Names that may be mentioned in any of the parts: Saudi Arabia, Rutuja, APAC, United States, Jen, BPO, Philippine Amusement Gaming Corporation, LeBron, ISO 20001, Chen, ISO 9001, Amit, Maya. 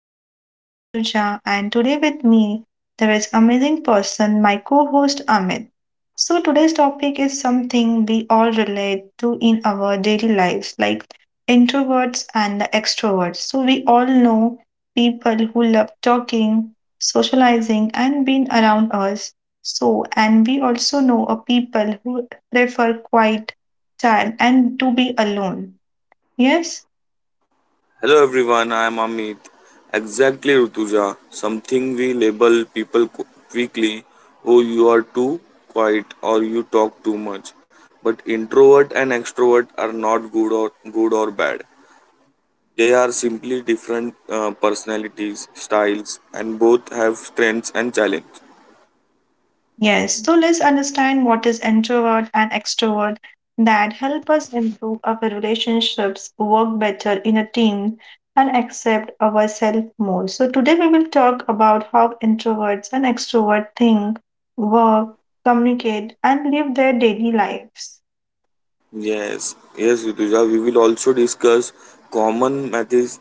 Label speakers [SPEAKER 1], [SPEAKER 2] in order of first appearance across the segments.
[SPEAKER 1] I'm your host Rutuja and today with me there is amazing person, my co-host Amit. So today's topic is something we all relate to in our daily lives, like introverts and the extroverts. So we all know people who love talking, socializing and being around us. So and we also know a people who prefer quiet time and to be alone. Yes?
[SPEAKER 2] Hello everyone, I am Amit. Exactly, Rutuja. Something we label people quickly. Oh, you are too quiet or you talk too much. But introvert and extrovert are not good or good or bad. They are simply different personalities, styles, and both have strengths and challenges.
[SPEAKER 1] Yes, so let's understand what is introvert and extrovert that help us improve our relationships, work better in a team, and accept ourselves more. So today we will talk about how introverts and extroverts think, work, communicate, and live their daily lives.
[SPEAKER 2] Yes, Rituja. We will also discuss common methods,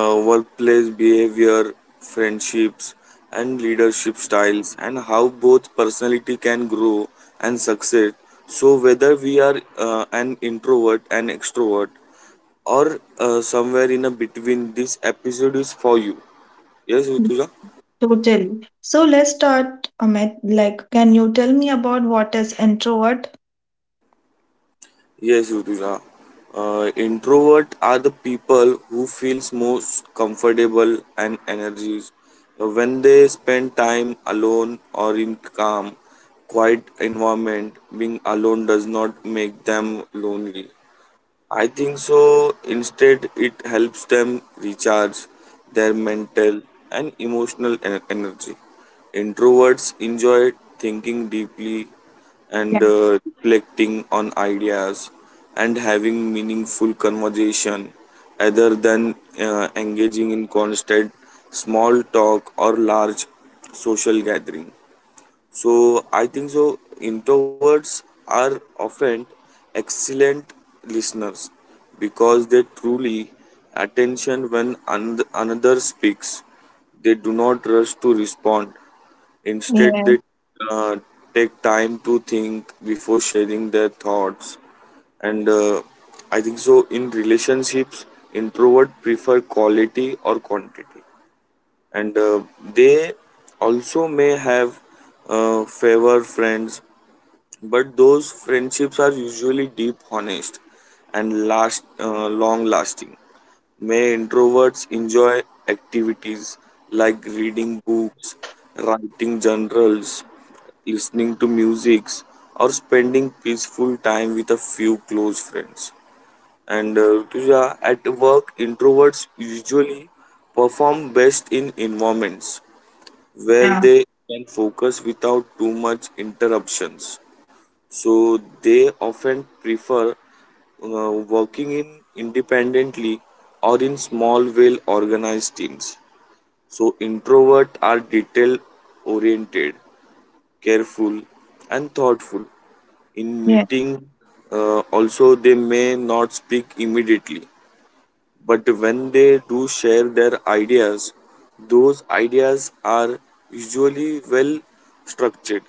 [SPEAKER 2] workplace behavior, friendships, and leadership styles, and how both personality can grow and succeed. So, whether we are an introvert and extrovert, or somewhere in a between, this episode is for you. Yes, Rituja.
[SPEAKER 1] Totally. So let's start, Amit. Like, can you tell me about what is introvert?
[SPEAKER 2] Yes, Rutuja. Introvert are the people who feels most comfortable and energies when they spend time alone or in calm, quiet environment. Being alone does not make them lonely. I think so. Instead, it helps them recharge their mental and emotional energy. Introverts enjoy thinking deeply and
[SPEAKER 1] Yeah.
[SPEAKER 2] reflecting on ideas and having meaningful conversation rather than engaging in constant small talk or large social gathering. So I think so introverts are often excellent listeners because they truly attention when another speaks. They do not rush to respond. Instead,
[SPEAKER 1] Yeah,
[SPEAKER 2] they uh, take time to think before sharing their thoughts. And I think so in relationships, introvert prefer quality or quantity and they also may have favor friends but those friendships are usually deep honest and last long lasting may introverts enjoy activities like reading books writing journals listening to music or spending peaceful time with a few close friends and Rutuja, at work, introverts usually perform best in environments where
[SPEAKER 1] yeah,
[SPEAKER 2] they can focus without too much interruptions. So they often prefer working in independently or in small, well organized teams. So introverts are detail oriented, careful, and thoughtful. In
[SPEAKER 1] yeah,
[SPEAKER 2] meeting, also they may not speak immediately but when they do share their ideas, those ideas are usually well structured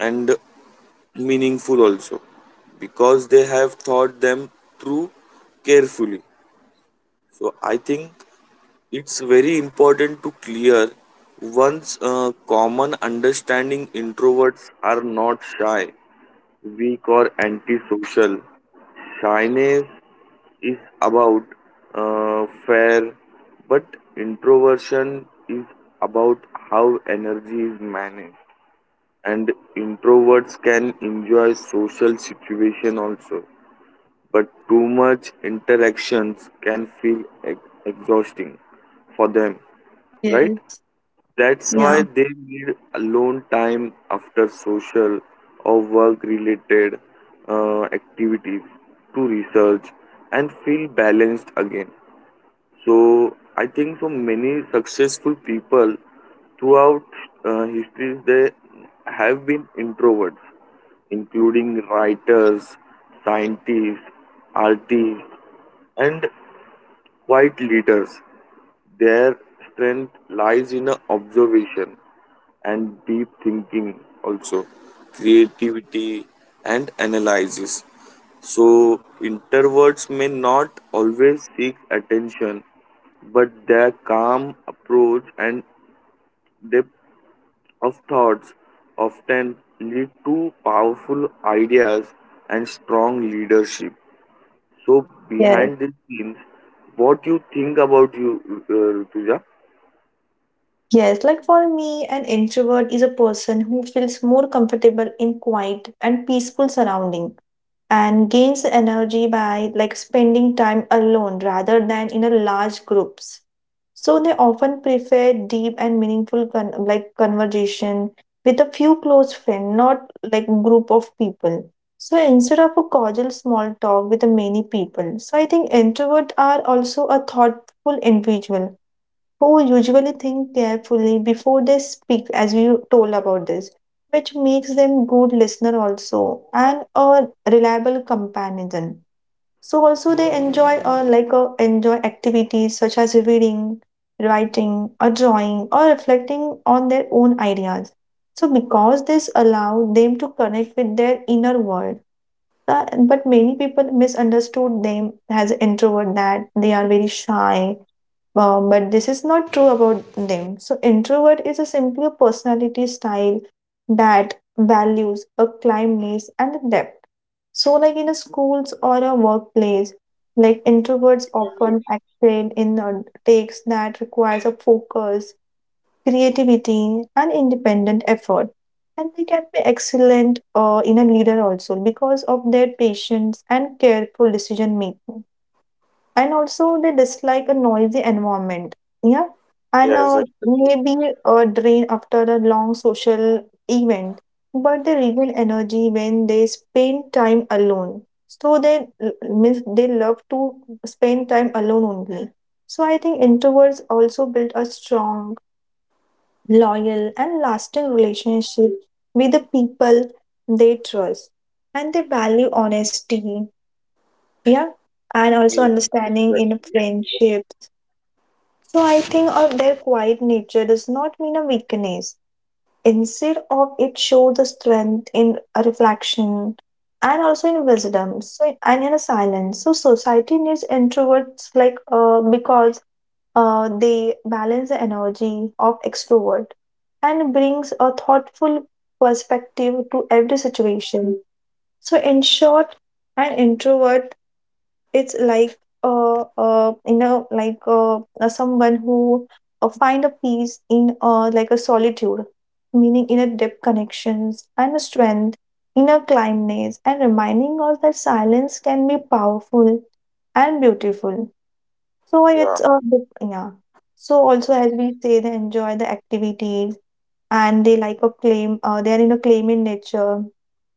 [SPEAKER 2] and meaningful also because they have thought them through carefully. So I think it's very important to clear one's common understanding introverts are not shy, weak, or antisocial. Shyness is about fair, but introversion is about how energy is managed. And introverts can enjoy social situation also, but too much interactions can feel exhausting for them, right?
[SPEAKER 1] yes,
[SPEAKER 2] That's why they need alone time after social or work related activities to research and feel balanced again. So, I think so many successful people throughout histories they have been introverts, including writers, scientists, artists, and quiet leaders. Their strength lies in a observation and deep thinking, also creativity and analysis. So, introverts may not always seek attention, but their calm approach and depth of thoughts often lead to powerful ideas and strong leadership. So,
[SPEAKER 1] yeah.
[SPEAKER 2] behind the scenes, what you think about you, Rutuja?
[SPEAKER 1] Yes, like for me, an introvert is a person who feels more comfortable in quiet and peaceful surrounding and gains energy by like spending time alone rather than in a large groups. So they often prefer deep and meaningful con- like conversation with a few close friends, not like group of people. So instead of a cordial small talk with many people. So I think introverts are also a thoughtful individual who usually think carefully before they speak, as you told about this, which makes them good listener also and a reliable companion. So also they enjoy like enjoy activities such as reading, writing, or drawing, or reflecting on their own ideas. So because this allow them to connect with their inner world but many people misunderstood them as introvert that they are very shy. But this is not true about them. So introvert is a simply a personality style that values a calmness and a depth. So like in a schools or a workplace, like introverts often excel in takes that requires a focus, creativity and independent effort, and they can be excellent in a leader also because of their patience and careful decision making, and also they dislike a noisy environment, yeah, and
[SPEAKER 2] Yes, exactly.
[SPEAKER 1] maybe a drain after a long social event, but they regain energy when they spend time alone. So they means they love to spend time alone only. So I think introverts also build a strong, loyal and lasting relationship with the people they trust, and they value honesty, yeah, and also
[SPEAKER 2] Yes,
[SPEAKER 1] understanding in
[SPEAKER 2] exactly.
[SPEAKER 1] friendships. So I think of their quiet nature does not mean a weakness. Instead of it showed the strength in a reflection and also in wisdom, so and in a silence. So society needs introverts like because they balance the energy of extrovert and brings a thoughtful perspective to every situation. So in short, an introvert it's like you know, like someone who find a peace in like a solitude, meaning in a deep connections and a strength, in a calmness, and reminding us that silence can be powerful and beautiful. So
[SPEAKER 2] Yeah,
[SPEAKER 1] it's a yeah. So also as we say, they enjoy the activities and they like a claim. They are in a claim in nature,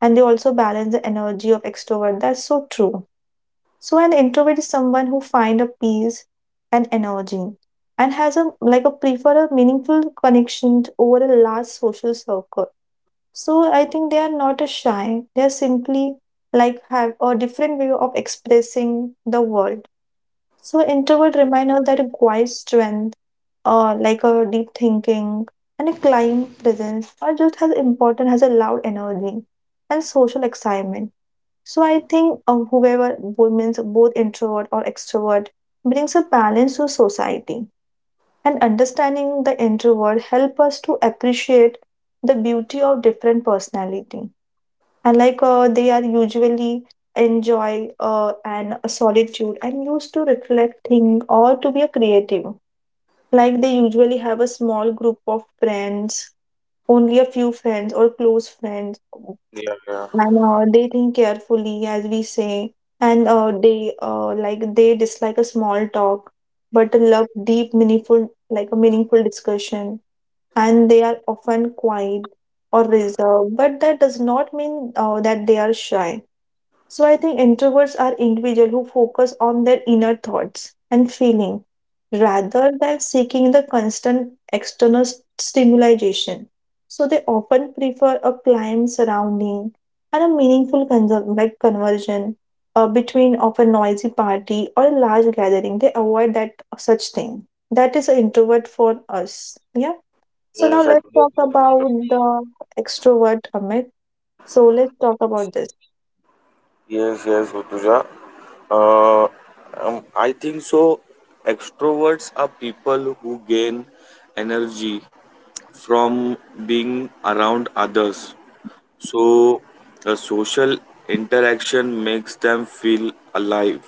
[SPEAKER 1] and they also balance the energy of extrovert. That's so true. So an introvert is someone who find a peace and energy and has a like a prefer a meaningful connection over a large social circle. So I think they are not a shy. They are simply like have a different way of expressing the world. So introvert remind us that a quiet strength or like a deep thinking and a calm presence are just as important as a loud energy and social excitement. So I think whoever means both introvert or extrovert brings a balance to society. And understanding the introvert help us to appreciate the beauty of different personality. And like they are usually enjoy and solitude and used to reflect, think, or to be a creative. Like they usually have a small group of friends, only a few friends or close friends,
[SPEAKER 2] yeah, yeah.
[SPEAKER 1] and they think carefully as we say, and they like they dislike a small talk but love deep meaningful like a meaningful discussion, and they are often quiet or reserved but that does not mean that they are shy. So I think introverts are individuals who focus on their inner thoughts and feeling rather than seeking the constant external stimulation. So they often prefer a calm surrounding and a meaningful like conversion between of a noisy party or a large gathering. They avoid that such thing. That is an introvert for us. Yeah. So now
[SPEAKER 2] Yes,
[SPEAKER 1] let's talk
[SPEAKER 2] exactly.
[SPEAKER 1] about the extrovert, Amit. So let's talk about this.
[SPEAKER 2] Yes, yes, Utuja. Uh, I think so. Extroverts are people who gain energy from being around others. So, a social interaction makes them feel alive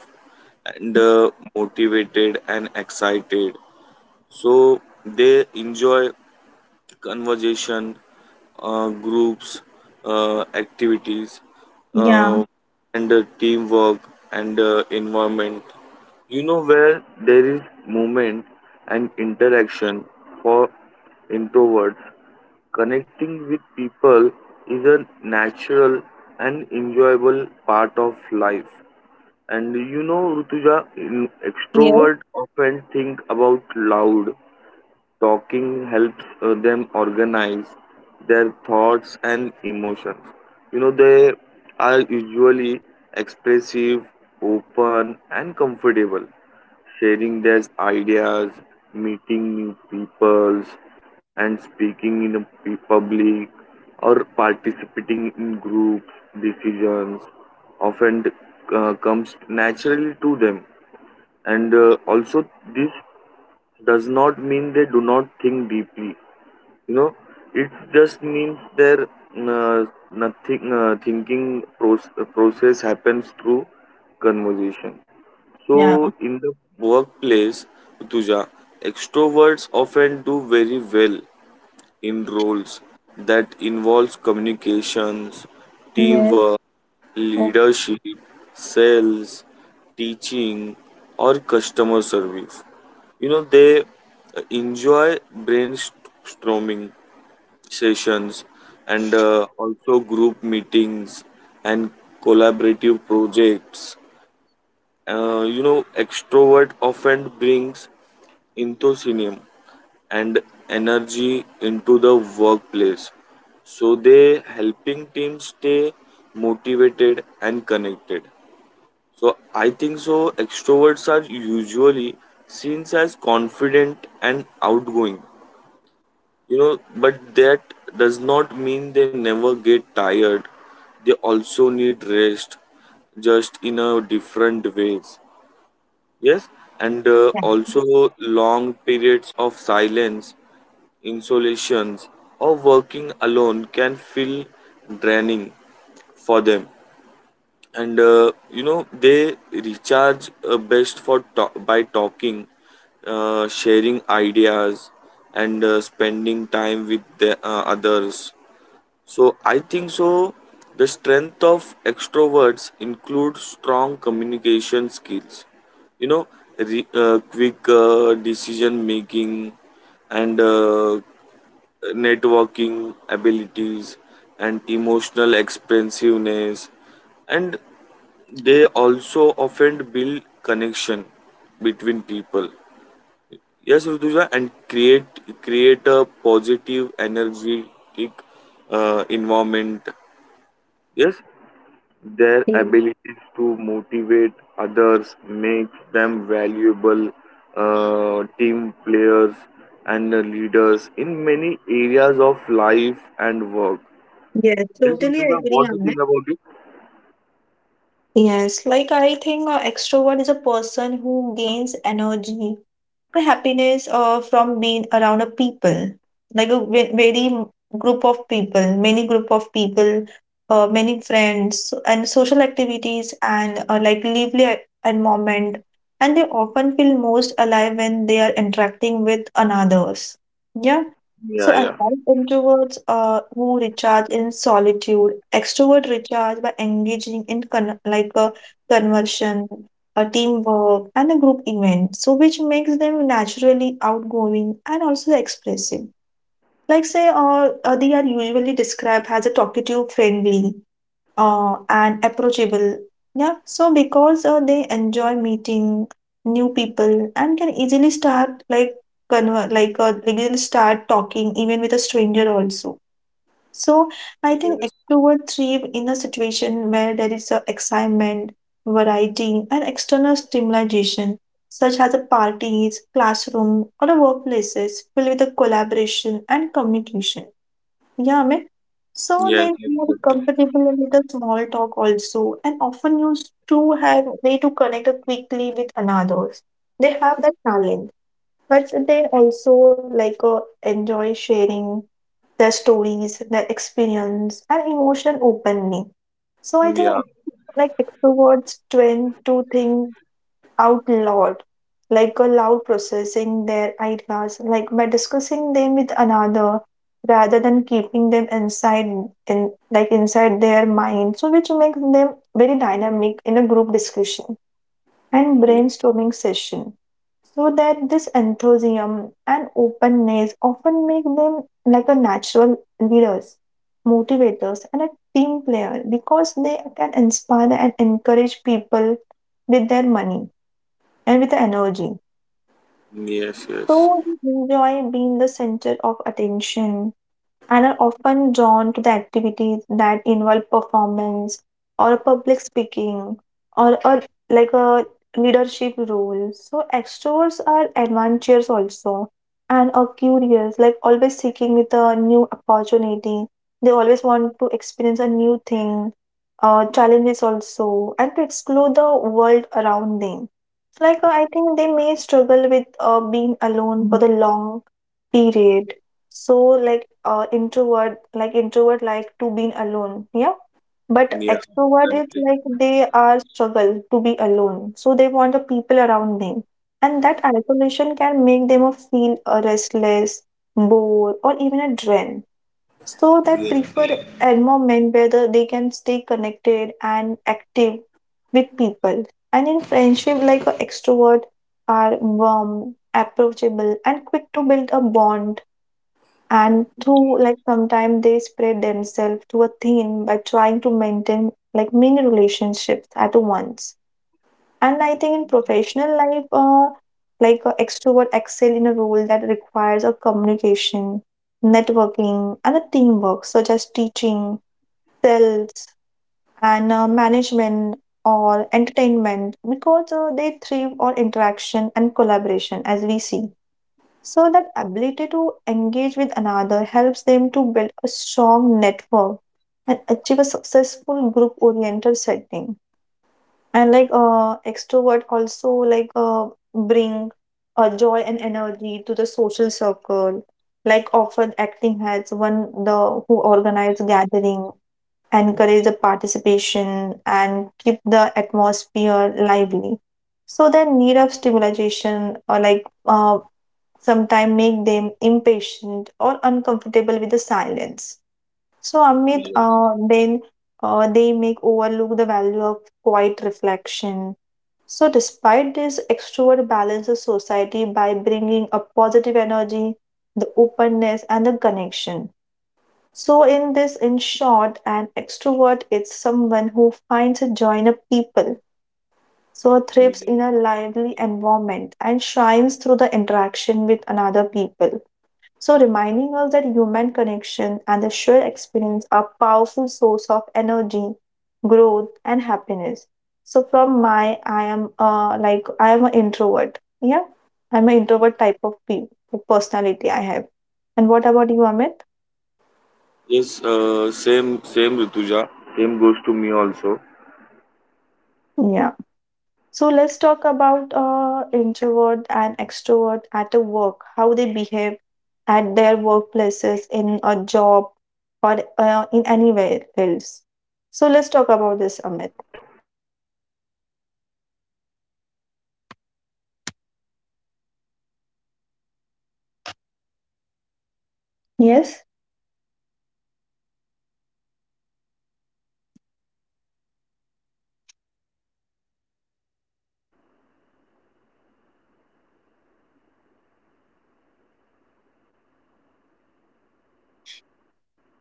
[SPEAKER 2] and motivated and excited. So they enjoy conversation, groups, activities,
[SPEAKER 1] Yeah.
[SPEAKER 2] uh, and teamwork and environment. You know where there is movement and interaction for introverts. Connecting with people is a natural and enjoyable part of life. And you know, Rutuja,
[SPEAKER 1] Yes.
[SPEAKER 2] extrovert often think about loud Talking helps them organize their thoughts and emotions. You know, they are usually expressive, open, and comfortable, sharing their ideas, meeting new peoples, and speaking in a public or participating in group decisions often comes naturally to them and also this does not mean they do not think deeply you know it just means their nothing thinking process happens through conversation so
[SPEAKER 1] Yeah.
[SPEAKER 2] in the workplace tuja extroverts often do very well in roles that involves communications
[SPEAKER 1] Yes,
[SPEAKER 2] teamwork leadership, sales, teaching, or customer service. You know, they enjoy brainstorming sessions and also group meetings and collaborative projects. You know, extrovert often brings enthusiasm and energy into the workplace. So they helping teams stay motivated and connected. So I think so extroverts are usually seen as confident and outgoing. You know, but that does not mean they never get tired. They also need rest just in a different ways. Yes, and also long periods of silence, insolations, or working alone can feel draining for them. And you know, they recharge best for by talking, sharing ideas, and spending time with the others. So I think so. The strength of extroverts include strong communication skills. You know, quick decision making and networking abilities and emotional expansiveness and they also often build connection between people yes rutuja and create a positive energetic environment. Yes, their
[SPEAKER 1] exactly.
[SPEAKER 2] abilities to motivate others makes them valuable team players and leaders in many areas of life and work.
[SPEAKER 1] Yes,
[SPEAKER 2] Yes,
[SPEAKER 1] totally
[SPEAKER 2] Rutuja,
[SPEAKER 1] agree
[SPEAKER 2] what do you
[SPEAKER 1] on that.
[SPEAKER 2] think about it?
[SPEAKER 1] Yes, like I think an extrovert is a person who gains energy the happiness from being around a people, like a very group of people, many group of people, many friends and social activities, and like lively environment, and they often feel most alive when they are interacting with others, yeah. So
[SPEAKER 2] Yeah, yeah.
[SPEAKER 1] unlike introverts who recharge in solitude, extrovert recharge by engaging in like a conversion, a teamwork, and a group event, so which makes them naturally outgoing and also expressive. Like say, they are usually described as a talkative, friendly, and approachable. Yeah, so because they enjoy meeting new people and can easily start like like easily start talking even with a stranger also. So I think
[SPEAKER 2] Yes,
[SPEAKER 1] extroverts thrive in a situation where there is a excitement, variety, and external stimulation, such as a parties, classroom, or a workplaces filled with a collaboration and communication. Yeah, I mean, so they
[SPEAKER 2] yes,
[SPEAKER 1] are
[SPEAKER 2] yes,
[SPEAKER 1] more
[SPEAKER 2] yes.
[SPEAKER 1] comfortable with the small talk also, and often used to have way to connect quickly with another. They have that talent, but they also like enjoy sharing their stories, their experience, and emotional openly. So I think
[SPEAKER 2] Yeah,
[SPEAKER 1] like extroverts tend to think out loud, like aloud processing their ideas, like by discussing them with another rather than keeping them inside in like inside their mind. So which makes them very dynamic in a group discussion and
[SPEAKER 2] y-
[SPEAKER 1] brainstorming session. So that this enthusiasm and openness often make them like a natural leaders, motivators and a team player, because they can inspire and encourage people with their money and with the energy.
[SPEAKER 2] yes, yes,
[SPEAKER 1] So they enjoy being the center of attention and are often drawn to the activities that involve performance or a public speaking or a like a leadership role. So extroverts are adventurous also and are curious, like always seeking with a new opportunity. They always want to experience a new thing, challenges also, and to explore the world around them. Like, I think they may struggle with being alone for the long period. So, like, like introvert, like to being alone. Yeah. But
[SPEAKER 2] yeah.
[SPEAKER 1] extrovert is
[SPEAKER 2] Exactly.
[SPEAKER 1] like they are struggle to be alone. So they want the people around them. And that isolation can make them feel restless, bored, or even a drain. So that
[SPEAKER 2] Yes,
[SPEAKER 1] prefer environment where they can stay connected and active with people. And in friendship, like a extrovert are warm, approachable, and quick to build a bond. And through like sometimes they spread themselves to a thin by trying to maintain like many relationships at once. And I think in professional life, like extrovert excel in a role that requires a communication, networking, and a teamwork, such as teaching, sales, and management or entertainment, because they thrive on interaction and collaboration, as we see. So that ability to engage with another helps them to build a strong network and achieve a successful group-oriented setting. And like extrovert also like bring a joy and energy to the social circle, like often acting as one the who organize gathering, encourage the participation and keep the atmosphere lively. So their need of stimulation or like sometimes make them impatient or uncomfortable with the silence. So, Amit, then they make overlook the value of quiet reflection. So, despite this, extrovert balances society by bringing a positive energy, the openness, and the connection. So, in this, in short, an extrovert is someone who finds a joy in a people, so thrives in a lively environment, and shines through the interaction with another people. So, reminding us that human connection and the shared experience are powerful source of energy, growth, and happiness. So, from my, I am like I am an introvert. Yeah, I'm an introvert type of like, personality I have. And what about you, Amit?
[SPEAKER 2] yes, same, same, Rituja. Same goes to me also.
[SPEAKER 1] Yeah. So let's talk about introvert and extrovert at the work, how they behave at their workplaces in a job or in anywhere else.
[SPEAKER 2] Yes.
[SPEAKER 1] So let's talk
[SPEAKER 2] So,
[SPEAKER 1] about this, Amit.
[SPEAKER 2] introvert and extrovert. Uh, functions.
[SPEAKER 1] Yes.
[SPEAKER 2] Yes, Rutuja.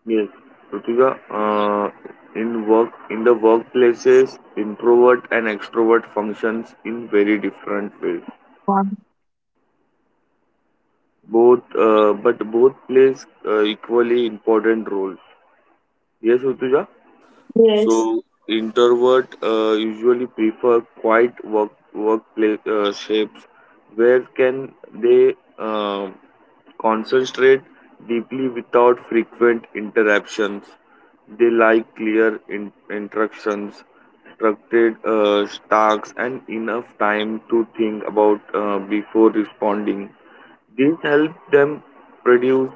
[SPEAKER 2] Yes, Rutuja. In work, in the workplaces, introvert and extrovert functions in very different ways.
[SPEAKER 1] Yeah.
[SPEAKER 2] Both, but both plays equally important roles. Yes, Rutuja. So
[SPEAKER 1] Yes.
[SPEAKER 2] introvert usually prefer quiet work workplace shapes where can they Concentrate deeply without frequent interruptions. They like clear instructions, structured tasks, and enough time to think about before responding. This helps them produce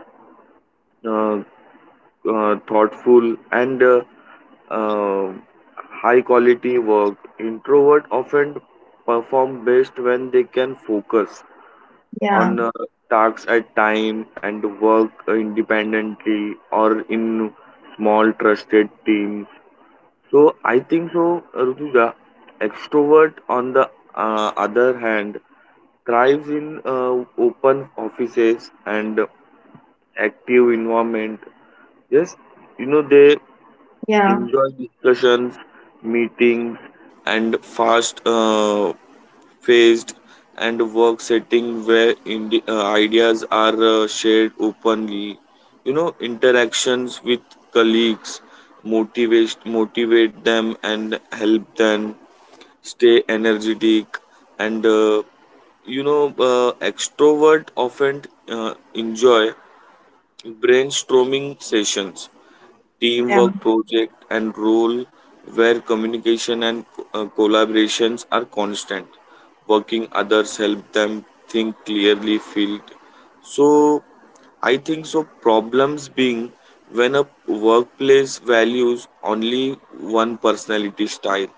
[SPEAKER 2] uh, thoughtful and uh, high quality work. Introvert often perform best when they can focus
[SPEAKER 1] Yeah.
[SPEAKER 2] on tasks at time and work independently or in small trusted team so I think so Rutuja, extrovert on the other hand thrives in open offices and active environment yes you know they
[SPEAKER 1] Yeah.
[SPEAKER 2] enjoy discussions meetings and fast phased and work setting where ideas are shared openly you know interactions with colleagues motivate them and help them stay energetic and you know extrovert often enjoy brainstorming sessions
[SPEAKER 1] Yeah.
[SPEAKER 2] teamwork project and role where communication and collaborations are constant working others help them think clearly feel so I think so problems being when a workplace values only one personality style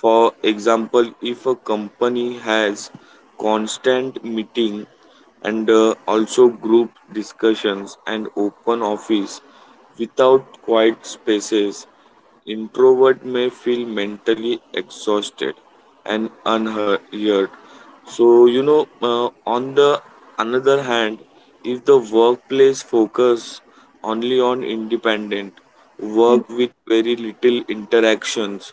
[SPEAKER 2] for example, if a company has constant meeting and also group discussions and open office without quiet spaces, introvert may feel mentally exhausted and unheard. So you know, on the another hand, if the workplace focus only on independent
[SPEAKER 1] Mm.
[SPEAKER 2] work with very little interactions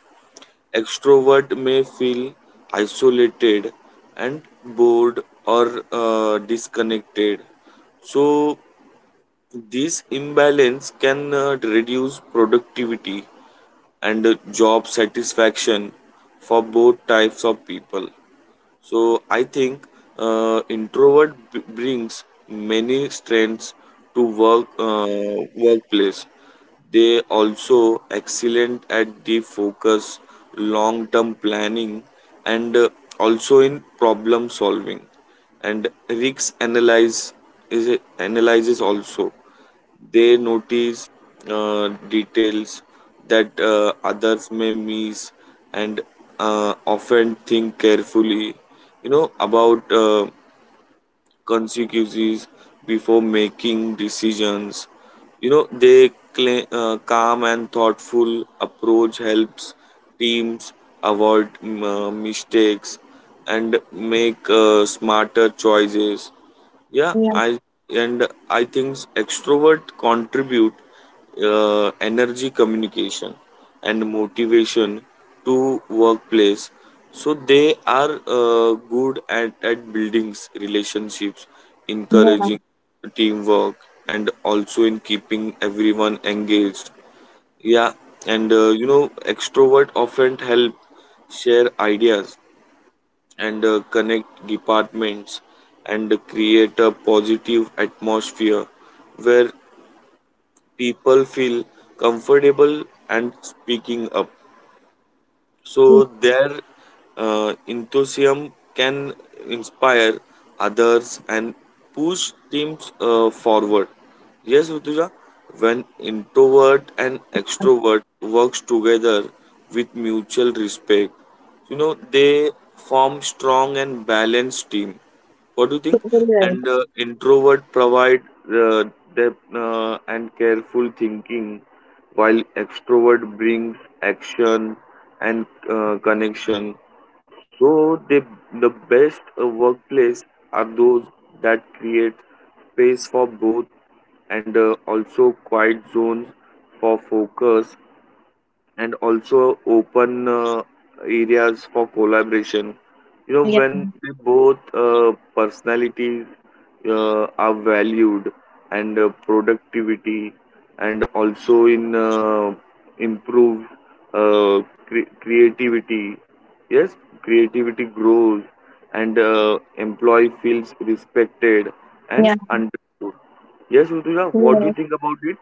[SPEAKER 2] Extrovert may feel isolated and bored or disconnected. So this imbalance can reduce productivity and job satisfaction for both types of people. So I think introvert brings many strengths to work workplace. They also excellent at the focus, long term planning, and also in problem solving and risk analyze is analyzes also they notice details that others may miss and often think carefully you know about consequences before making decisions. You know, they cla calm and thoughtful approach helps teams avoid mistakes and make smarter choices. Yeah,
[SPEAKER 1] Yeah.
[SPEAKER 2] I and I think extrovert contribute energy communication and motivation to workplace so they are good at buildings relationships
[SPEAKER 1] Yeah.
[SPEAKER 2] encouraging teamwork and also in keeping everyone engaged yeah and you know extrovert often help share ideas and connect departments and create a positive atmosphere where people feel comfortable and speaking up.
[SPEAKER 1] Mm,
[SPEAKER 2] So their enthusiasm can inspire others and push teams forward. Yes, Rutuja, when introvert and extrovert works together with mutual respect, you know they form strong and balanced team what do you think
[SPEAKER 1] totally right.
[SPEAKER 2] and introvert provide uh, depth and careful thinking while extrovert brings action and connection so they the best workplace are those that create space for both and also quiet zones for focus and also open areas for collaboration. You know,
[SPEAKER 1] Yeah.
[SPEAKER 2] when they both personalities are valued and productivity and also in improve uh, creativity. Yes, creativity grows and employee feels respected and
[SPEAKER 1] Yeah.
[SPEAKER 2] understood. Yes, Rutuja, what do you
[SPEAKER 1] Yeah.
[SPEAKER 2] think about it?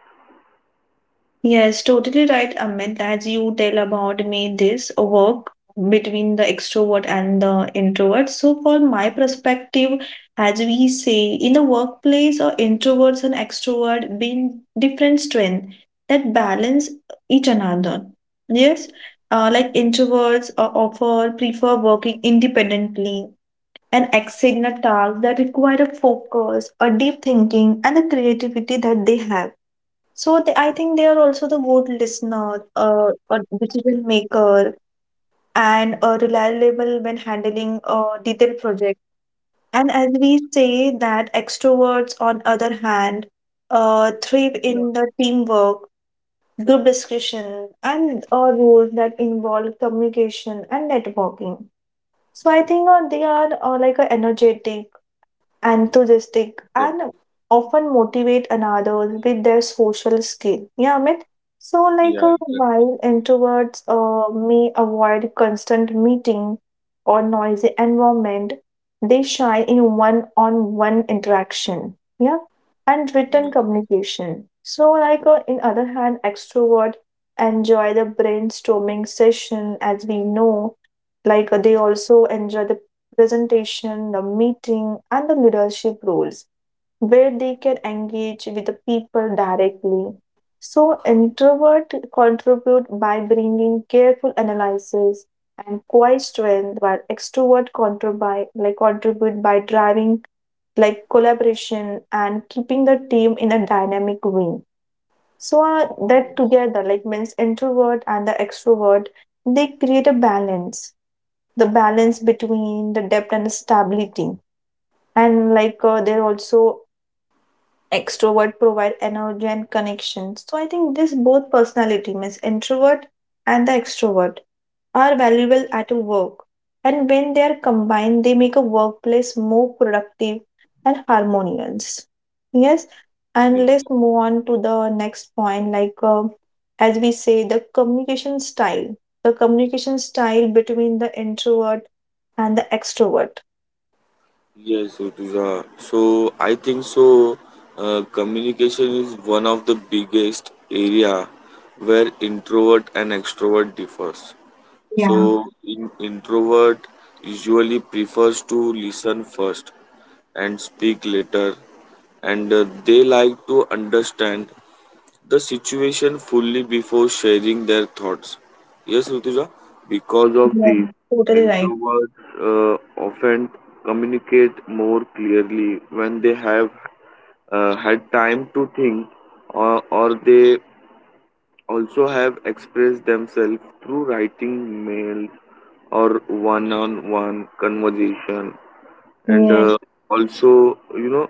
[SPEAKER 1] Yes, totally right, Amit. As you tell about me, this work between the extrovert and the introvert. So, for my perspective, as we say in the workplace, or introverts and extrovert being different strength that balance each another. Yes, like introverts offer prefer working independently and excel in a task that require a focus, a deep thinking, and the creativity that they have. So they, I think they are also the good listener, a decision maker, and reliable when handling a detailed project. And as we say that extroverts, on other hand, thrive
[SPEAKER 2] Yeah,
[SPEAKER 1] in the teamwork, group discussion, and roles that involve communication and networking. So I think they are like a energetic enthusiastic
[SPEAKER 2] that,
[SPEAKER 1] and often motivate another with their social skill. Yeah, Amit. So,
[SPEAKER 2] yeah,
[SPEAKER 1] like while introverts may avoid constant meeting or noisy environment, they shine in one-on-one interaction. Yeah, and written communication. So, like in other hand, extrovert enjoy the brainstorming session, as we know. Like they also enjoy the presentation, the meeting, and the leadership roles where they can engage with the people directly. So, introvert contribute by bringing careful analysis and quiet strength, while extrovert contribute by, driving like collaboration and keeping the team in a dynamic way. So that together, like means introvert and the extrovert, they create a balance. The balance between the depth and the stability. And like they're also extrovert provide energy and connection. So I think this both personality means introvert and the extrovert are valuable at work. And when they are combined, they make a workplace more productive and harmonious. Yes, and
[SPEAKER 2] exactly.
[SPEAKER 1] let's move on to the next point. Like, as we say, the communication style between the introvert and the extrovert.
[SPEAKER 2] Yes, Rutuja. So I think so. Communication is one of the biggest area where introvert and extrovert differs.
[SPEAKER 1] Yeah.
[SPEAKER 2] So in introvert usually prefers to listen first, and speak later and they like to understand the situation fully before sharing their thoughts. Yes, Rutuja, because of
[SPEAKER 1] Yeah,
[SPEAKER 2] this,
[SPEAKER 1] totally right.
[SPEAKER 2] introverts often communicate more clearly when they have had time to think, or they also have expressed themselves through writing mail or one on one conversation and
[SPEAKER 1] Yeah,
[SPEAKER 2] also you know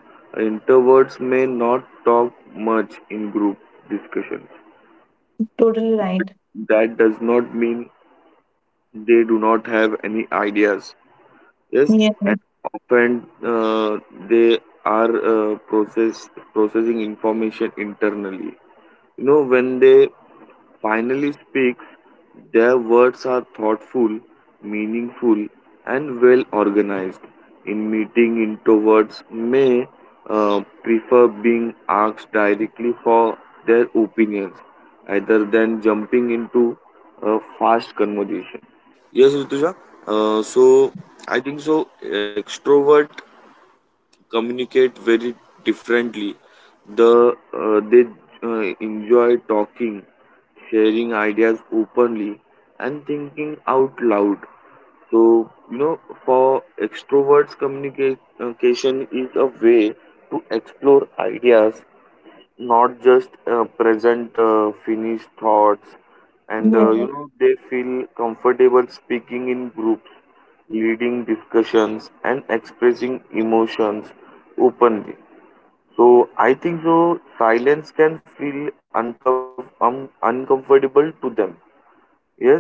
[SPEAKER 2] introverts may not talk much in group discussion
[SPEAKER 1] totally right.
[SPEAKER 2] that does not mean they do not have any ideas yes
[SPEAKER 1] Yeah,
[SPEAKER 2] and often they are process processing information internally you know when they finally speaks, their words are thoughtful, meaningful, and well organized. In meeting, introverts may prefer being asked directly for their opinions rather than jumping into a fast conversation. Yes, Rituja. So I think so. Extrovert communicate very differently. They enjoy talking, sharing ideas openly, and thinking out loud. So you know, for extroverts, communication is a way to explore ideas, not just present finished thoughts. And
[SPEAKER 1] yeah,
[SPEAKER 2] you know, they feel comfortable speaking in groups, leading discussions, and expressing emotions openly. So I think so silence can feel uncomfortable to them. Yes.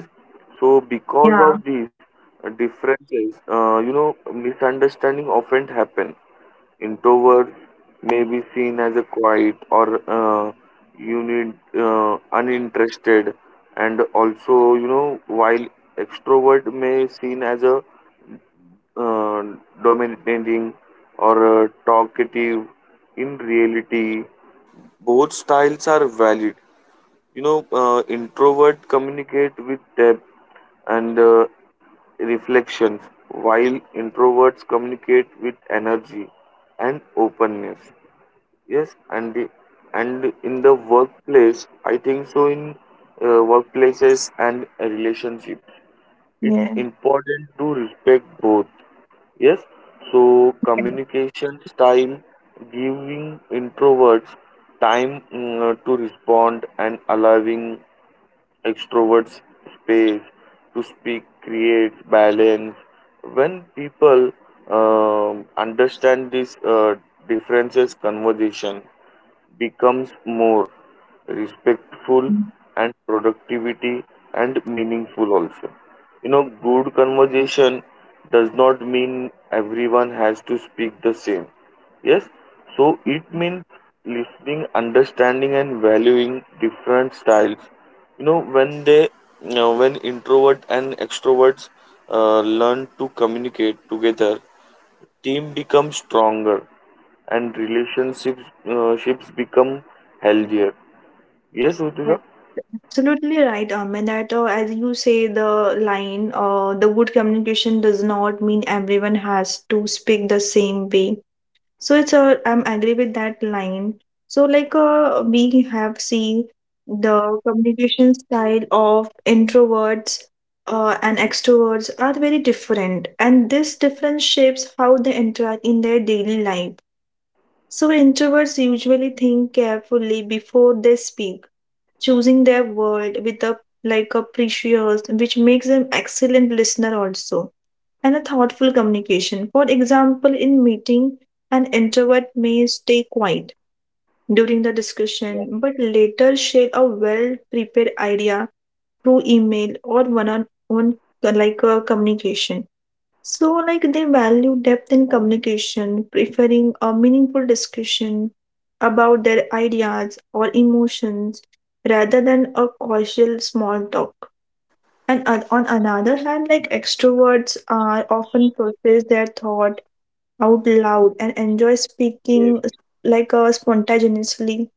[SPEAKER 2] So because of these differences, you know, misunderstanding often happen. Introverts may be seen as a quiet or unit uninterested, and also you know, while extrovert may seen as a uh, dominating or talkative in reality both styles are valid. You know, introvert communicate with depth and reflections, while introverts communicate with energy and openness. Yes. And in the workplace, I think so. In uh, workplaces and relationship it's
[SPEAKER 1] yeah,
[SPEAKER 2] important to respect both. Yes, so communication style giving introverts time to respond and allowing extroverts space to speak creates balance. When people understand these differences conversation becomes more respectful
[SPEAKER 1] yeah.
[SPEAKER 2] and productivity and meaningful also. You know good conversation does not mean everyone has to speak the same. Yes, so it means listening understanding and valuing different styles. You know when they when introvert and extroverts learn to communicate together team becomes stronger and relationships ships become healthier. Yes, Rituja?
[SPEAKER 1] Right. Absolutely right, Amit. That as you say, the line, the good communication does not mean everyone has to speak the same way. So it's a, I'm agree with that line. So like we have seen the communication style of introverts and extroverts are very different, and this difference shapes how they interact in their daily life. So, introverts usually think carefully before they speak, choosing their word with a like a precious, which makes them excellent listener also, and a thoughtful communication. For example, in meeting, an introvert may stay quiet during the discussion, but later share a well prepared idea through email or one on one like a communication. So, like, they value depth in communication, preferring a meaningful discussion about their ideas or emotions rather than a casual small talk. And on another hand, like, extroverts are often process their thought out loud and enjoy
[SPEAKER 2] Yes,
[SPEAKER 1] speaking like spontaneously,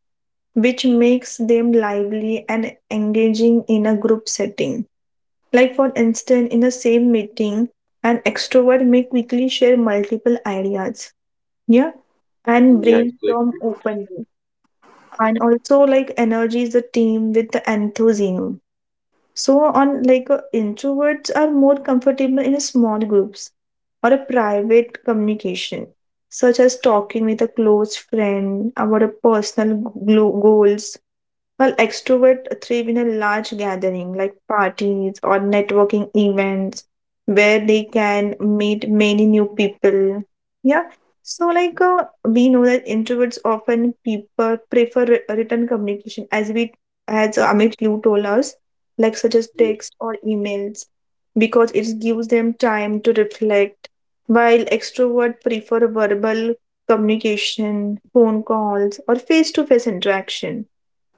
[SPEAKER 1] which makes them lively and engaging in a group setting. Like, for instance, in the same meeting, an extrovert may quickly share multiple ideas, yeah, and
[SPEAKER 2] yeah, good,
[SPEAKER 1] brainstorm openly. And also, like, energize the team with the enthusiasm. So, on like introverts are more comfortable in small groups or a private communication, such as talking with a close friend about a personal goals well, extrovert thrive in a large gathering like parties or networking events where they can meet many new people. Yeah. So, like, we know that introverts often people prefer written communication, as we, as Amit, you told us, like such as
[SPEAKER 2] good.
[SPEAKER 1] text or emails, because it gives them time to reflect. While extrovert prefer verbal communication, phone calls, or face-to-face interaction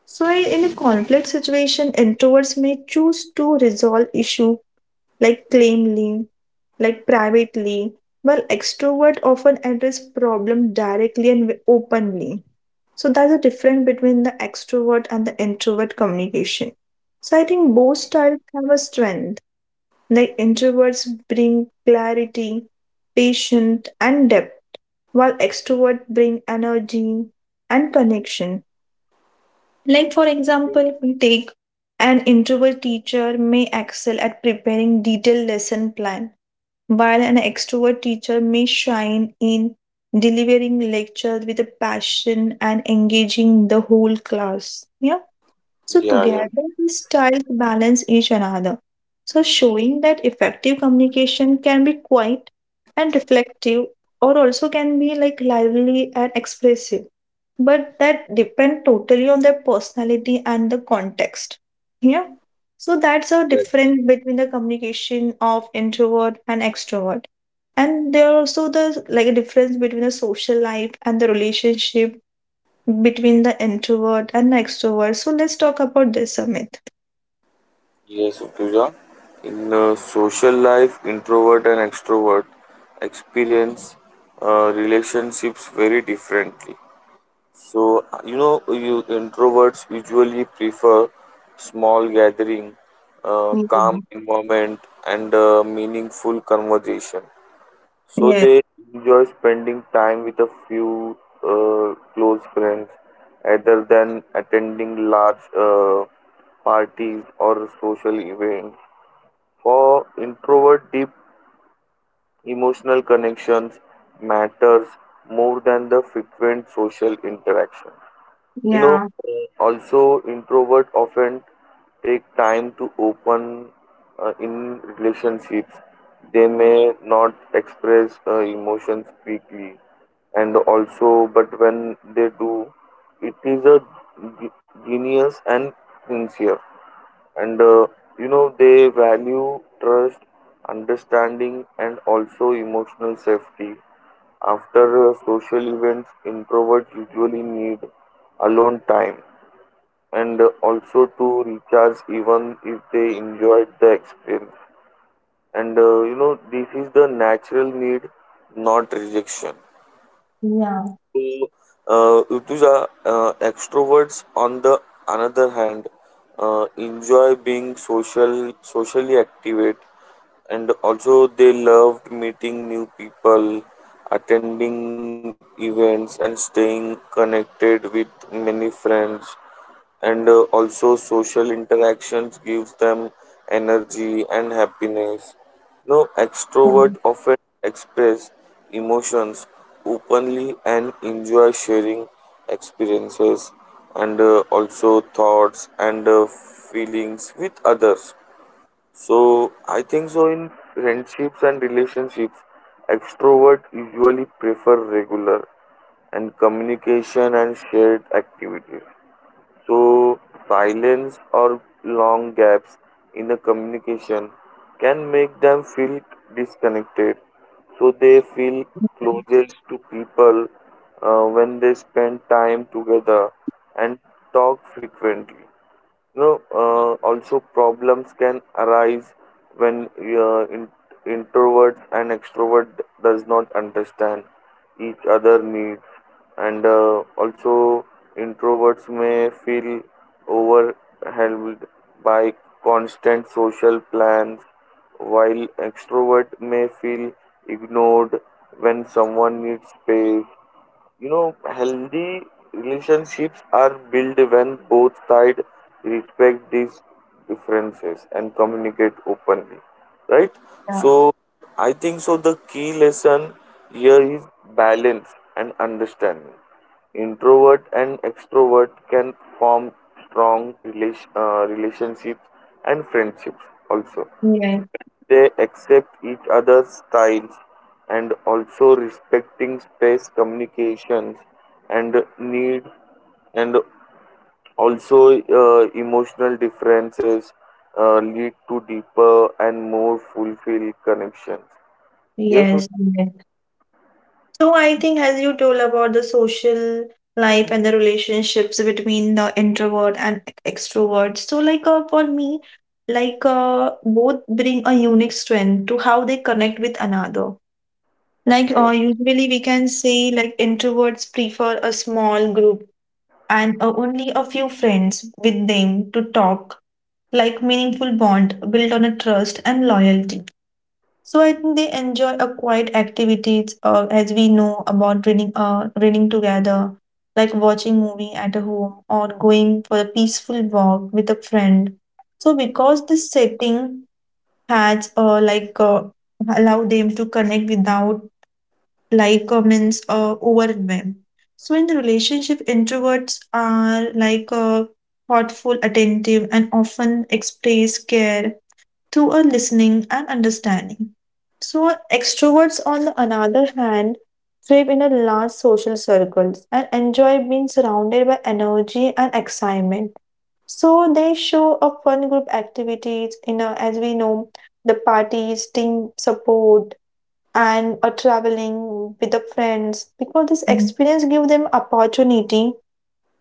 [SPEAKER 1] so in a conflict situation, introverts may choose to resolve issue like claimly, like privately, while extrovert often address problem directly and openly. So that's a difference between the extrovert and the introvert communication. So I think both styles have a strength. Like introverts bring clarity, patience, and depth, while extroverts bring energy and connection. Like, for example, take an introvert teacher may excel at preparing detailed lesson plan, while an extrovert teacher may shine in delivering lectures with a passion and engaging the whole class. Yeah. So
[SPEAKER 2] Yeah, yeah.
[SPEAKER 1] together these styles balance each another. So showing that effective communication can be quiet and reflective or also can be like lively and expressive. But that depend totally on their personality and the context. Yeah. So that's a
[SPEAKER 2] That,
[SPEAKER 1] difference between the communication of introvert and extrovert. And there are also the like a difference between the social life and the relationship between the introvert and the extrovert. So let's talk about this, Amit.
[SPEAKER 2] yes, Rituja. In social life, introvert and extrovert experience relationships very differently. So, you know, you introverts usually prefer small gathering, calm environment, and meaningful conversation. So
[SPEAKER 1] Yeah,
[SPEAKER 2] they enjoy spending time with a few close friends rather than attending large parties or social events. For introvert, deep emotional connections matters more than the frequent social interaction. You know,
[SPEAKER 1] yeah,
[SPEAKER 2] also introvert often take time to open in relationships. They may not express emotions quickly, and also, but when they do, it is a genius and sincere. And you know, they value trust, understanding, and also emotional safety. After social events, introverts usually need alone time and also to recharge even if they enjoyed the experience. And you know this is the natural need not rejection.
[SPEAKER 1] yeah,
[SPEAKER 2] So Utuja, extroverts on the another hand enjoy being social socially activate and also they loved meeting new people attending events and staying connected with many friends. And also social interactions gives them energy and happiness. No,
[SPEAKER 1] yeah,
[SPEAKER 2] extrovert often express emotions openly and enjoy sharing experiences and also thoughts and feelings with others. So I think so in friendships and relationships extrovert usually prefer regular and communication and shared activities. So silence or long gaps in the communication can make them feel disconnected. So, they feel closest to people when they spend time together and talk frequently. You know, also problems can arise when introvert and extrovert does not understand each other needs, and also introverts may feel overwhelmed by constant social plans, while extrovert may feel ignored when someone needs space. You know, healthy relationships are built when both sides respect these differences and communicate openly, right?
[SPEAKER 1] yeah,
[SPEAKER 2] So, I think so. The key lesson here is balance and understanding. Introvert and extrovert can form strong relationships and friendships also.
[SPEAKER 1] yeah,
[SPEAKER 2] They accept each other's styles and also respecting space communications and need and also emotional differences lead to deeper and more fulfilled connections. Yes.
[SPEAKER 1] yes, yes. So I think as you told about the social life and the relationships between the introvert and extrovert. So like for me, like both bring a unique strength to how they connect with another. Like
[SPEAKER 2] Yeah,
[SPEAKER 1] usually we can say like introverts prefer a small group and only a few friends with them to talk like meaningful bond built on a trust and loyalty so I think they enjoy a quiet activities as we know about reading reading together like watching movie at home or going for a peaceful walk with a friend so because this setting has like allow them to connect without like comments overwhelm. So in the relationship, introverts are like thoughtful, attentive, and often express care through a listening and understanding. So extroverts, on the another hand, thrive in a large social circles and enjoy being surrounded by energy and excitement. So they show up fun group activities, you know, as we know, the parties, team support, and or traveling with the friends because this experience give them opportunity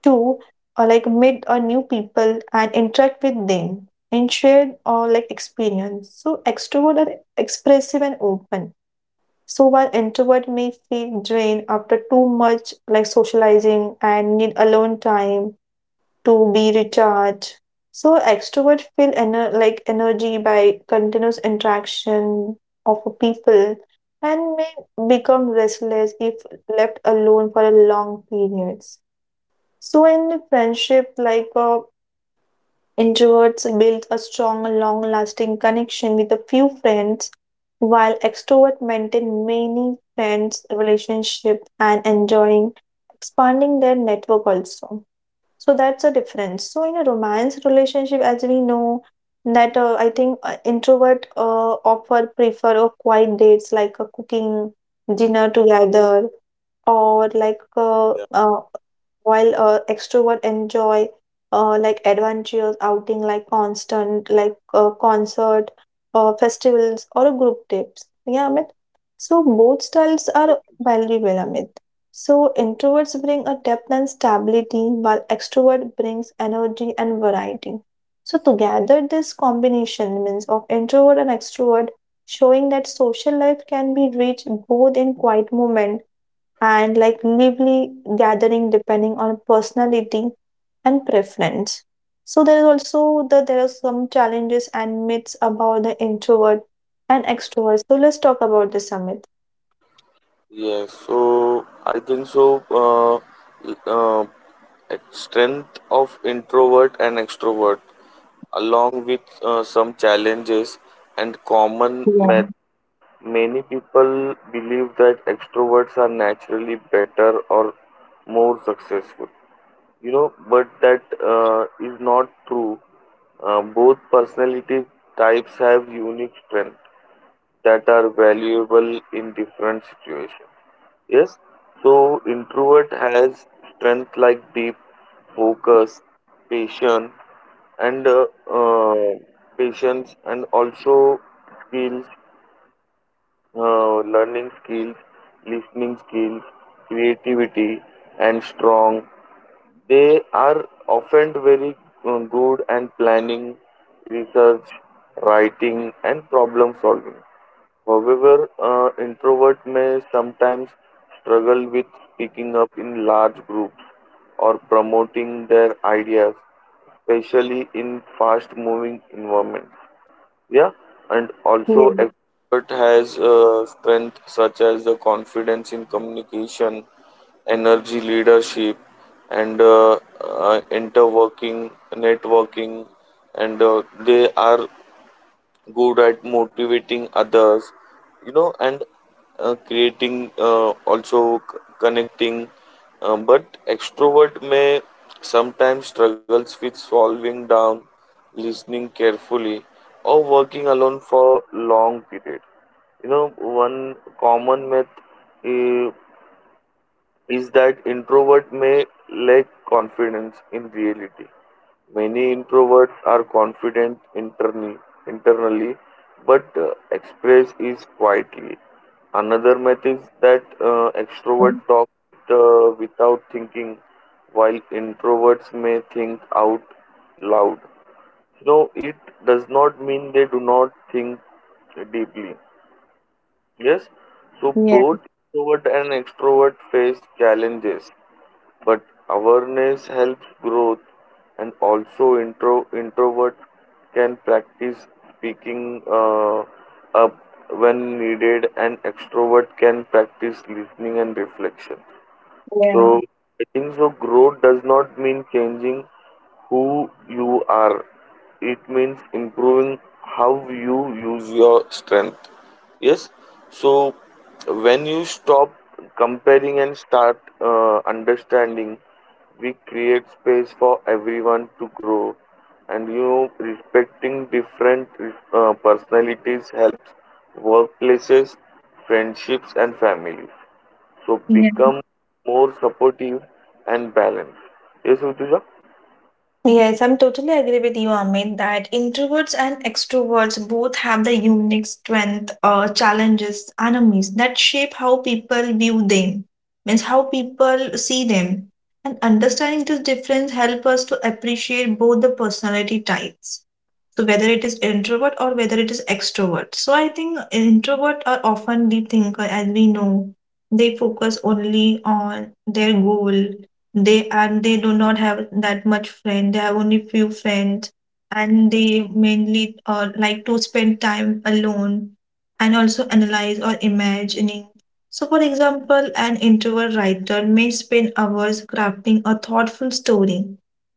[SPEAKER 1] to or like meet or new people and interact with them and share or like experience so extrovert are expressive and open so while introvert may feel drained after too much like socializing and need alone time to be recharged. So extroverts feel like energy by continuous interaction of people and may become restless if left alone for a long periods. So in friendship, like introverts build a strong, long-lasting connection with a few friends, while extroverts maintain many friends relationship and enjoying expanding their network also. So that's a difference. So in a romance relationship, as we know, that I think introvert often prefer a quiet dates like a cooking dinner together or like
[SPEAKER 2] yeah,
[SPEAKER 1] while extrovert enjoy like adventurous outing like constant like concert festivals or a group trips yeah amit so both styles are valuable amit so introverts bring a depth and stability while extrovert brings energy and variety so together this combination means of introvert and extrovert showing that social life can be reached both in quiet moments and like lively gathering depending on personality and preference. So there is also the there are some challenges and myths about the introvert and extrovert. So let's talk about this, Amit.
[SPEAKER 2] yes. So I think so. Uh, strength of introvert and extrovert along with some challenges and common.
[SPEAKER 1] Yeah.
[SPEAKER 2] Many people believe that extroverts are naturally better or more successful, you know, but that is not true. Both personality types have unique strengths that are valuable in different situations. Yes, so introvert has strength like deep focus, patience, and uh, and also skills learning skills, listening skills, creativity, and strong. They are often very good and planning, research, writing, and problem solving. However, introvert may sometimes struggle with speaking up in large groups or promoting their ideas, especially in fast-moving environments. Yeah, and also
[SPEAKER 1] Yeah.
[SPEAKER 2] expert has strength such as the confidence in communication, energy, leadership, and interworking networking. And they are good at motivating others, you know, and creating also connecting. But extrovert may sometimes struggles with solving down listening carefully or working alone for long period. You know one common myth eh, is that introvert may lack confidence in reality. Many introverts are confident internally, but express is quietly. Another method is that extrovert talk without thinking, while introverts may think out loud. No, it does not mean they do not think deeply. Yes, so
[SPEAKER 1] Yeah.
[SPEAKER 2] both introvert and extrovert face challenges, but awareness helps growth, and also introvert can practice speaking up when needed, and extrovert can practice listening and reflection. So I think so growth does not mean changing who you are. It means improving how you use your strength. Yes. So when you stop comparing and start understanding, we create space for everyone to grow. And you know, respecting different personalities helps workplaces, friendships, and families. So
[SPEAKER 1] Yeah.
[SPEAKER 2] become more supportive and balanced. Yes, Rutuja?
[SPEAKER 1] Yes, I'm totally agree with you, Amit, that introverts and extroverts both have the unique strength, challenges, enemies that shape how people view them, means how people see them. And understanding this difference help us to appreciate both the personality types. So whether it is introvert or whether it is extrovert. So I think introvert are often deep thinker as we know. They focus only on their goal. They and they do not have that much friend. They have only few friends and they mainly like to spend time alone and also analyze or imagining. So for example, an introvert writer may spend hours crafting a thoughtful story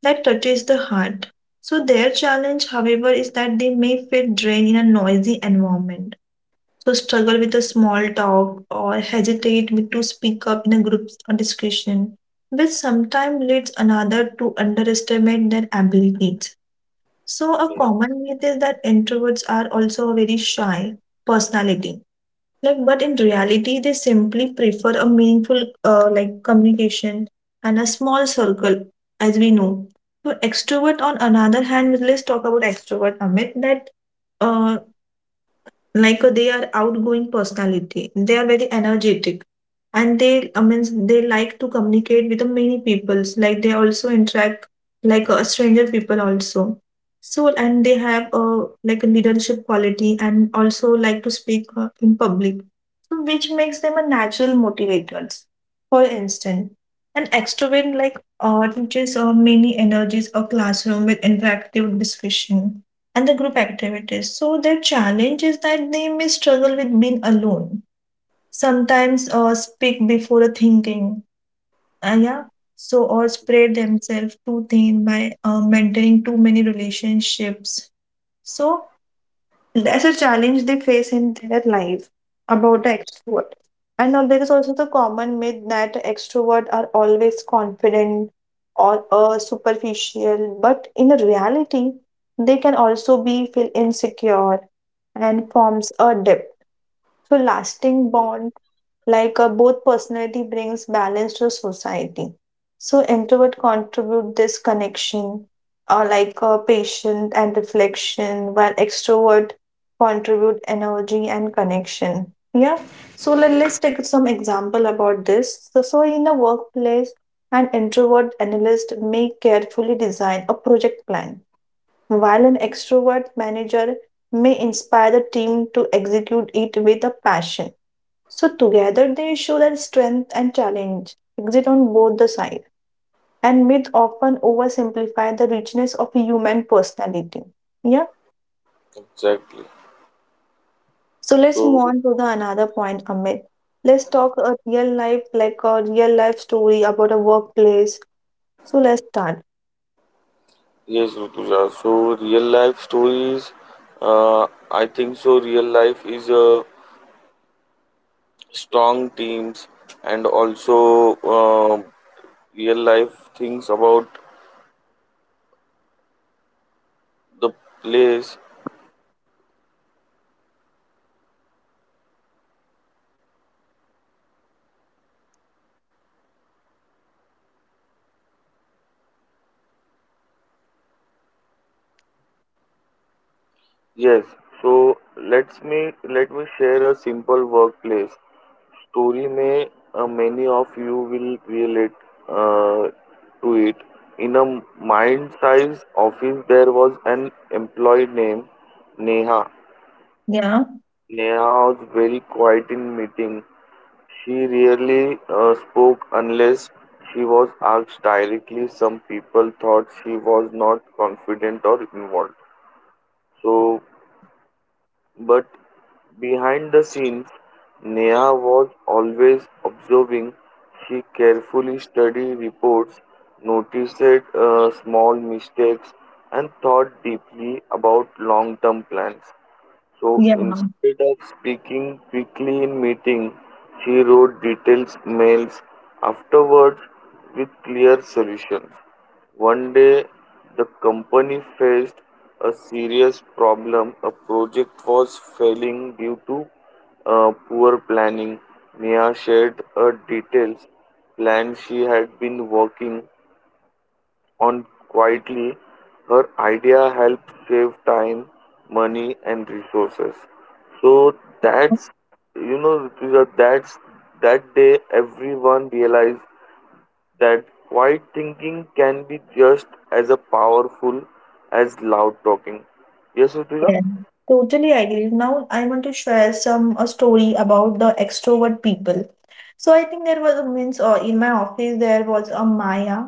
[SPEAKER 1] that touches the heart so their challenge, however, is that they may feel drained in a noisy environment. So struggle with a small talk or hesitate with- to speak up in a group or discussion, which sometimes leads another to underestimate their abilities. So a
[SPEAKER 2] Yeah,
[SPEAKER 1] common myth is that introverts are also very shy personality like but in reality they simply prefer a meaningful like communication and a small circle as we know so extrovert on another hand let's talk about extrovert amit that uh, like they are outgoing personality they are very energetic and they I mean they like to communicate with the many peoples like they also interact like a stranger people also so and they have a like a leadership quality and also like to speak in public which makes them a natural motivators. For instance, an extrovert like teaches or many energies or classroom with interactive discussion and the group activities. So their challenge is that they may struggle with being alone. Sometimes speak before a thinking. Yeah. So or spread themselves too thin by maintaining too many relationships. So that's a challenge they face in their life about the extrovert. And now there is also the common myth that extrovert are always confident or superficial, but in reality, they can also be feel insecure and forms a dip. So lasting bond, like both personality brings balance to society. So introvert contribute this connection, or like patient and reflection, while extrovert contribute energy and connection. Yeah. So let's take some example about this. So, so in the workplace, an introvert analyst may carefully design a project plan while an extrovert manager may inspire the team to execute it with a passion. So together they show their strength and challenge, exit on both the side. And myth often oversimplify the richness of human personality. Yeah.
[SPEAKER 2] exactly.
[SPEAKER 1] So let's
[SPEAKER 2] So,
[SPEAKER 1] move on to the another point, Amit. Let's talk a real life, like a real life story about a workplace. So let's start.
[SPEAKER 2] yes, Rutuja. So, real life stories, I think so. Real life is a strong teams and also real life things about the place. Yes. So let me share a simple workplace story. May many of you will relate uh, to it. In a mind size office there was an employee named Neha.
[SPEAKER 1] Yeah.
[SPEAKER 2] Neha was very quiet in meeting. She rarely spoke unless she was asked directly. Some people thought she was not confident or involved. So but behind the scenes, Neha was always observing. She carefully studied reports, noticed small mistakes, and thought deeply about long term plans. So instead of speaking quickly in meeting, she wrote detailed mails afterwards with clear solutions. One day, the company faced a serious problem. A project was failing due to poor planning. Mia shared a detailed plan she had been working on quietly. Her idea helps save time, money, and resources. So that's you know Rituja, that's that day everyone realized that quiet thinking can be just as a powerful as loud talking. Yes, Rituja?
[SPEAKER 1] Yeah, totally agree. Now I want to share some a story about the extrovert people. So I think there was a means in my office there was a Maya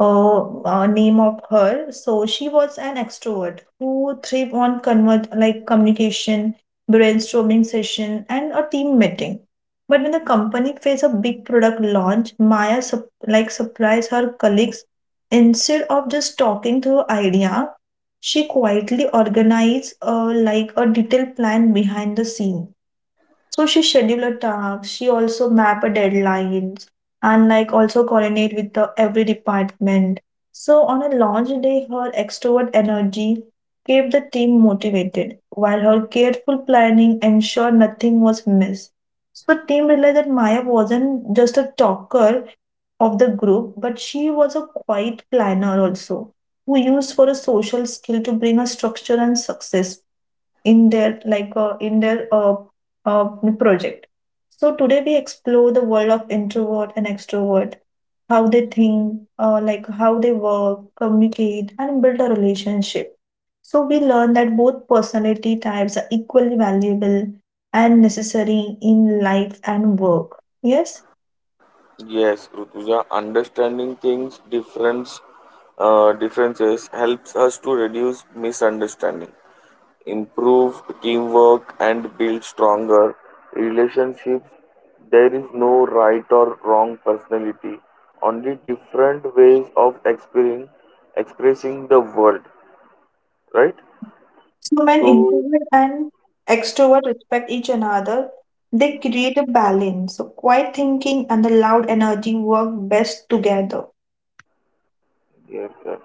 [SPEAKER 1] uh, name of her. So she was an extrovert who thrived on convert like communication, brainstorming session, and a team meeting. But when the company faced a big product launch, like surprised her colleagues. Instead of just talking through idea, she quietly organized like a detailed plan behind the scene so she schedule a task, she also map a deadlines and like also coordinate with the every department. So on a launch day, her extrovert energy kept the team motivated, while her careful planning ensured nothing was missed. So the team realized that Maya wasn't just a talker of the group, but she was a quiet planner also, who used for a social skill to bring a structure and success in their like in their uh, project. So today we explore the world of introvert and extrovert, how they think, like how they work, communicate, and build a relationship. So we learn that both personality types are equally valuable and necessary in life and work. Yes.
[SPEAKER 2] Yes, Rutuja, understanding things difference differences helps us to reduce misunderstanding, improve teamwork and build stronger relationships. There is no right or wrong personality, only different ways of experiencing expressing the world, right?
[SPEAKER 1] So when
[SPEAKER 2] So
[SPEAKER 1] introvert and extrovert respect each another, they create a balance. So quiet thinking and the loud energy work best together.
[SPEAKER 2] yes, sir.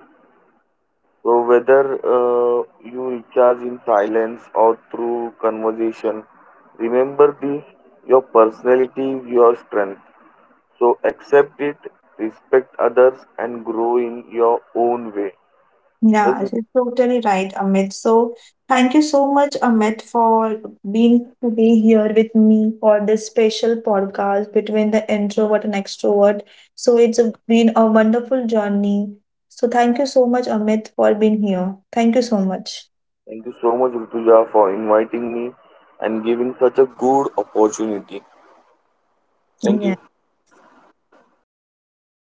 [SPEAKER 2] So whether uh, you recharge in silence or through conversation, remember this: your personality is your strength. So accept it, respect others, and grow in your own way. Yes,
[SPEAKER 1] Yeah,
[SPEAKER 2] Rit-
[SPEAKER 1] you're totally right, Amit. So thank you so much, Amit, for being to be here with me for this special podcast between the introvert and extrovert. So it's a, been a wonderful journey. So thank you so much, Amit, for being here. Thank you so much.
[SPEAKER 2] Thank you so much, Rutuja, for inviting me and giving such a good opportunity. Thank you.
[SPEAKER 1] Yeah.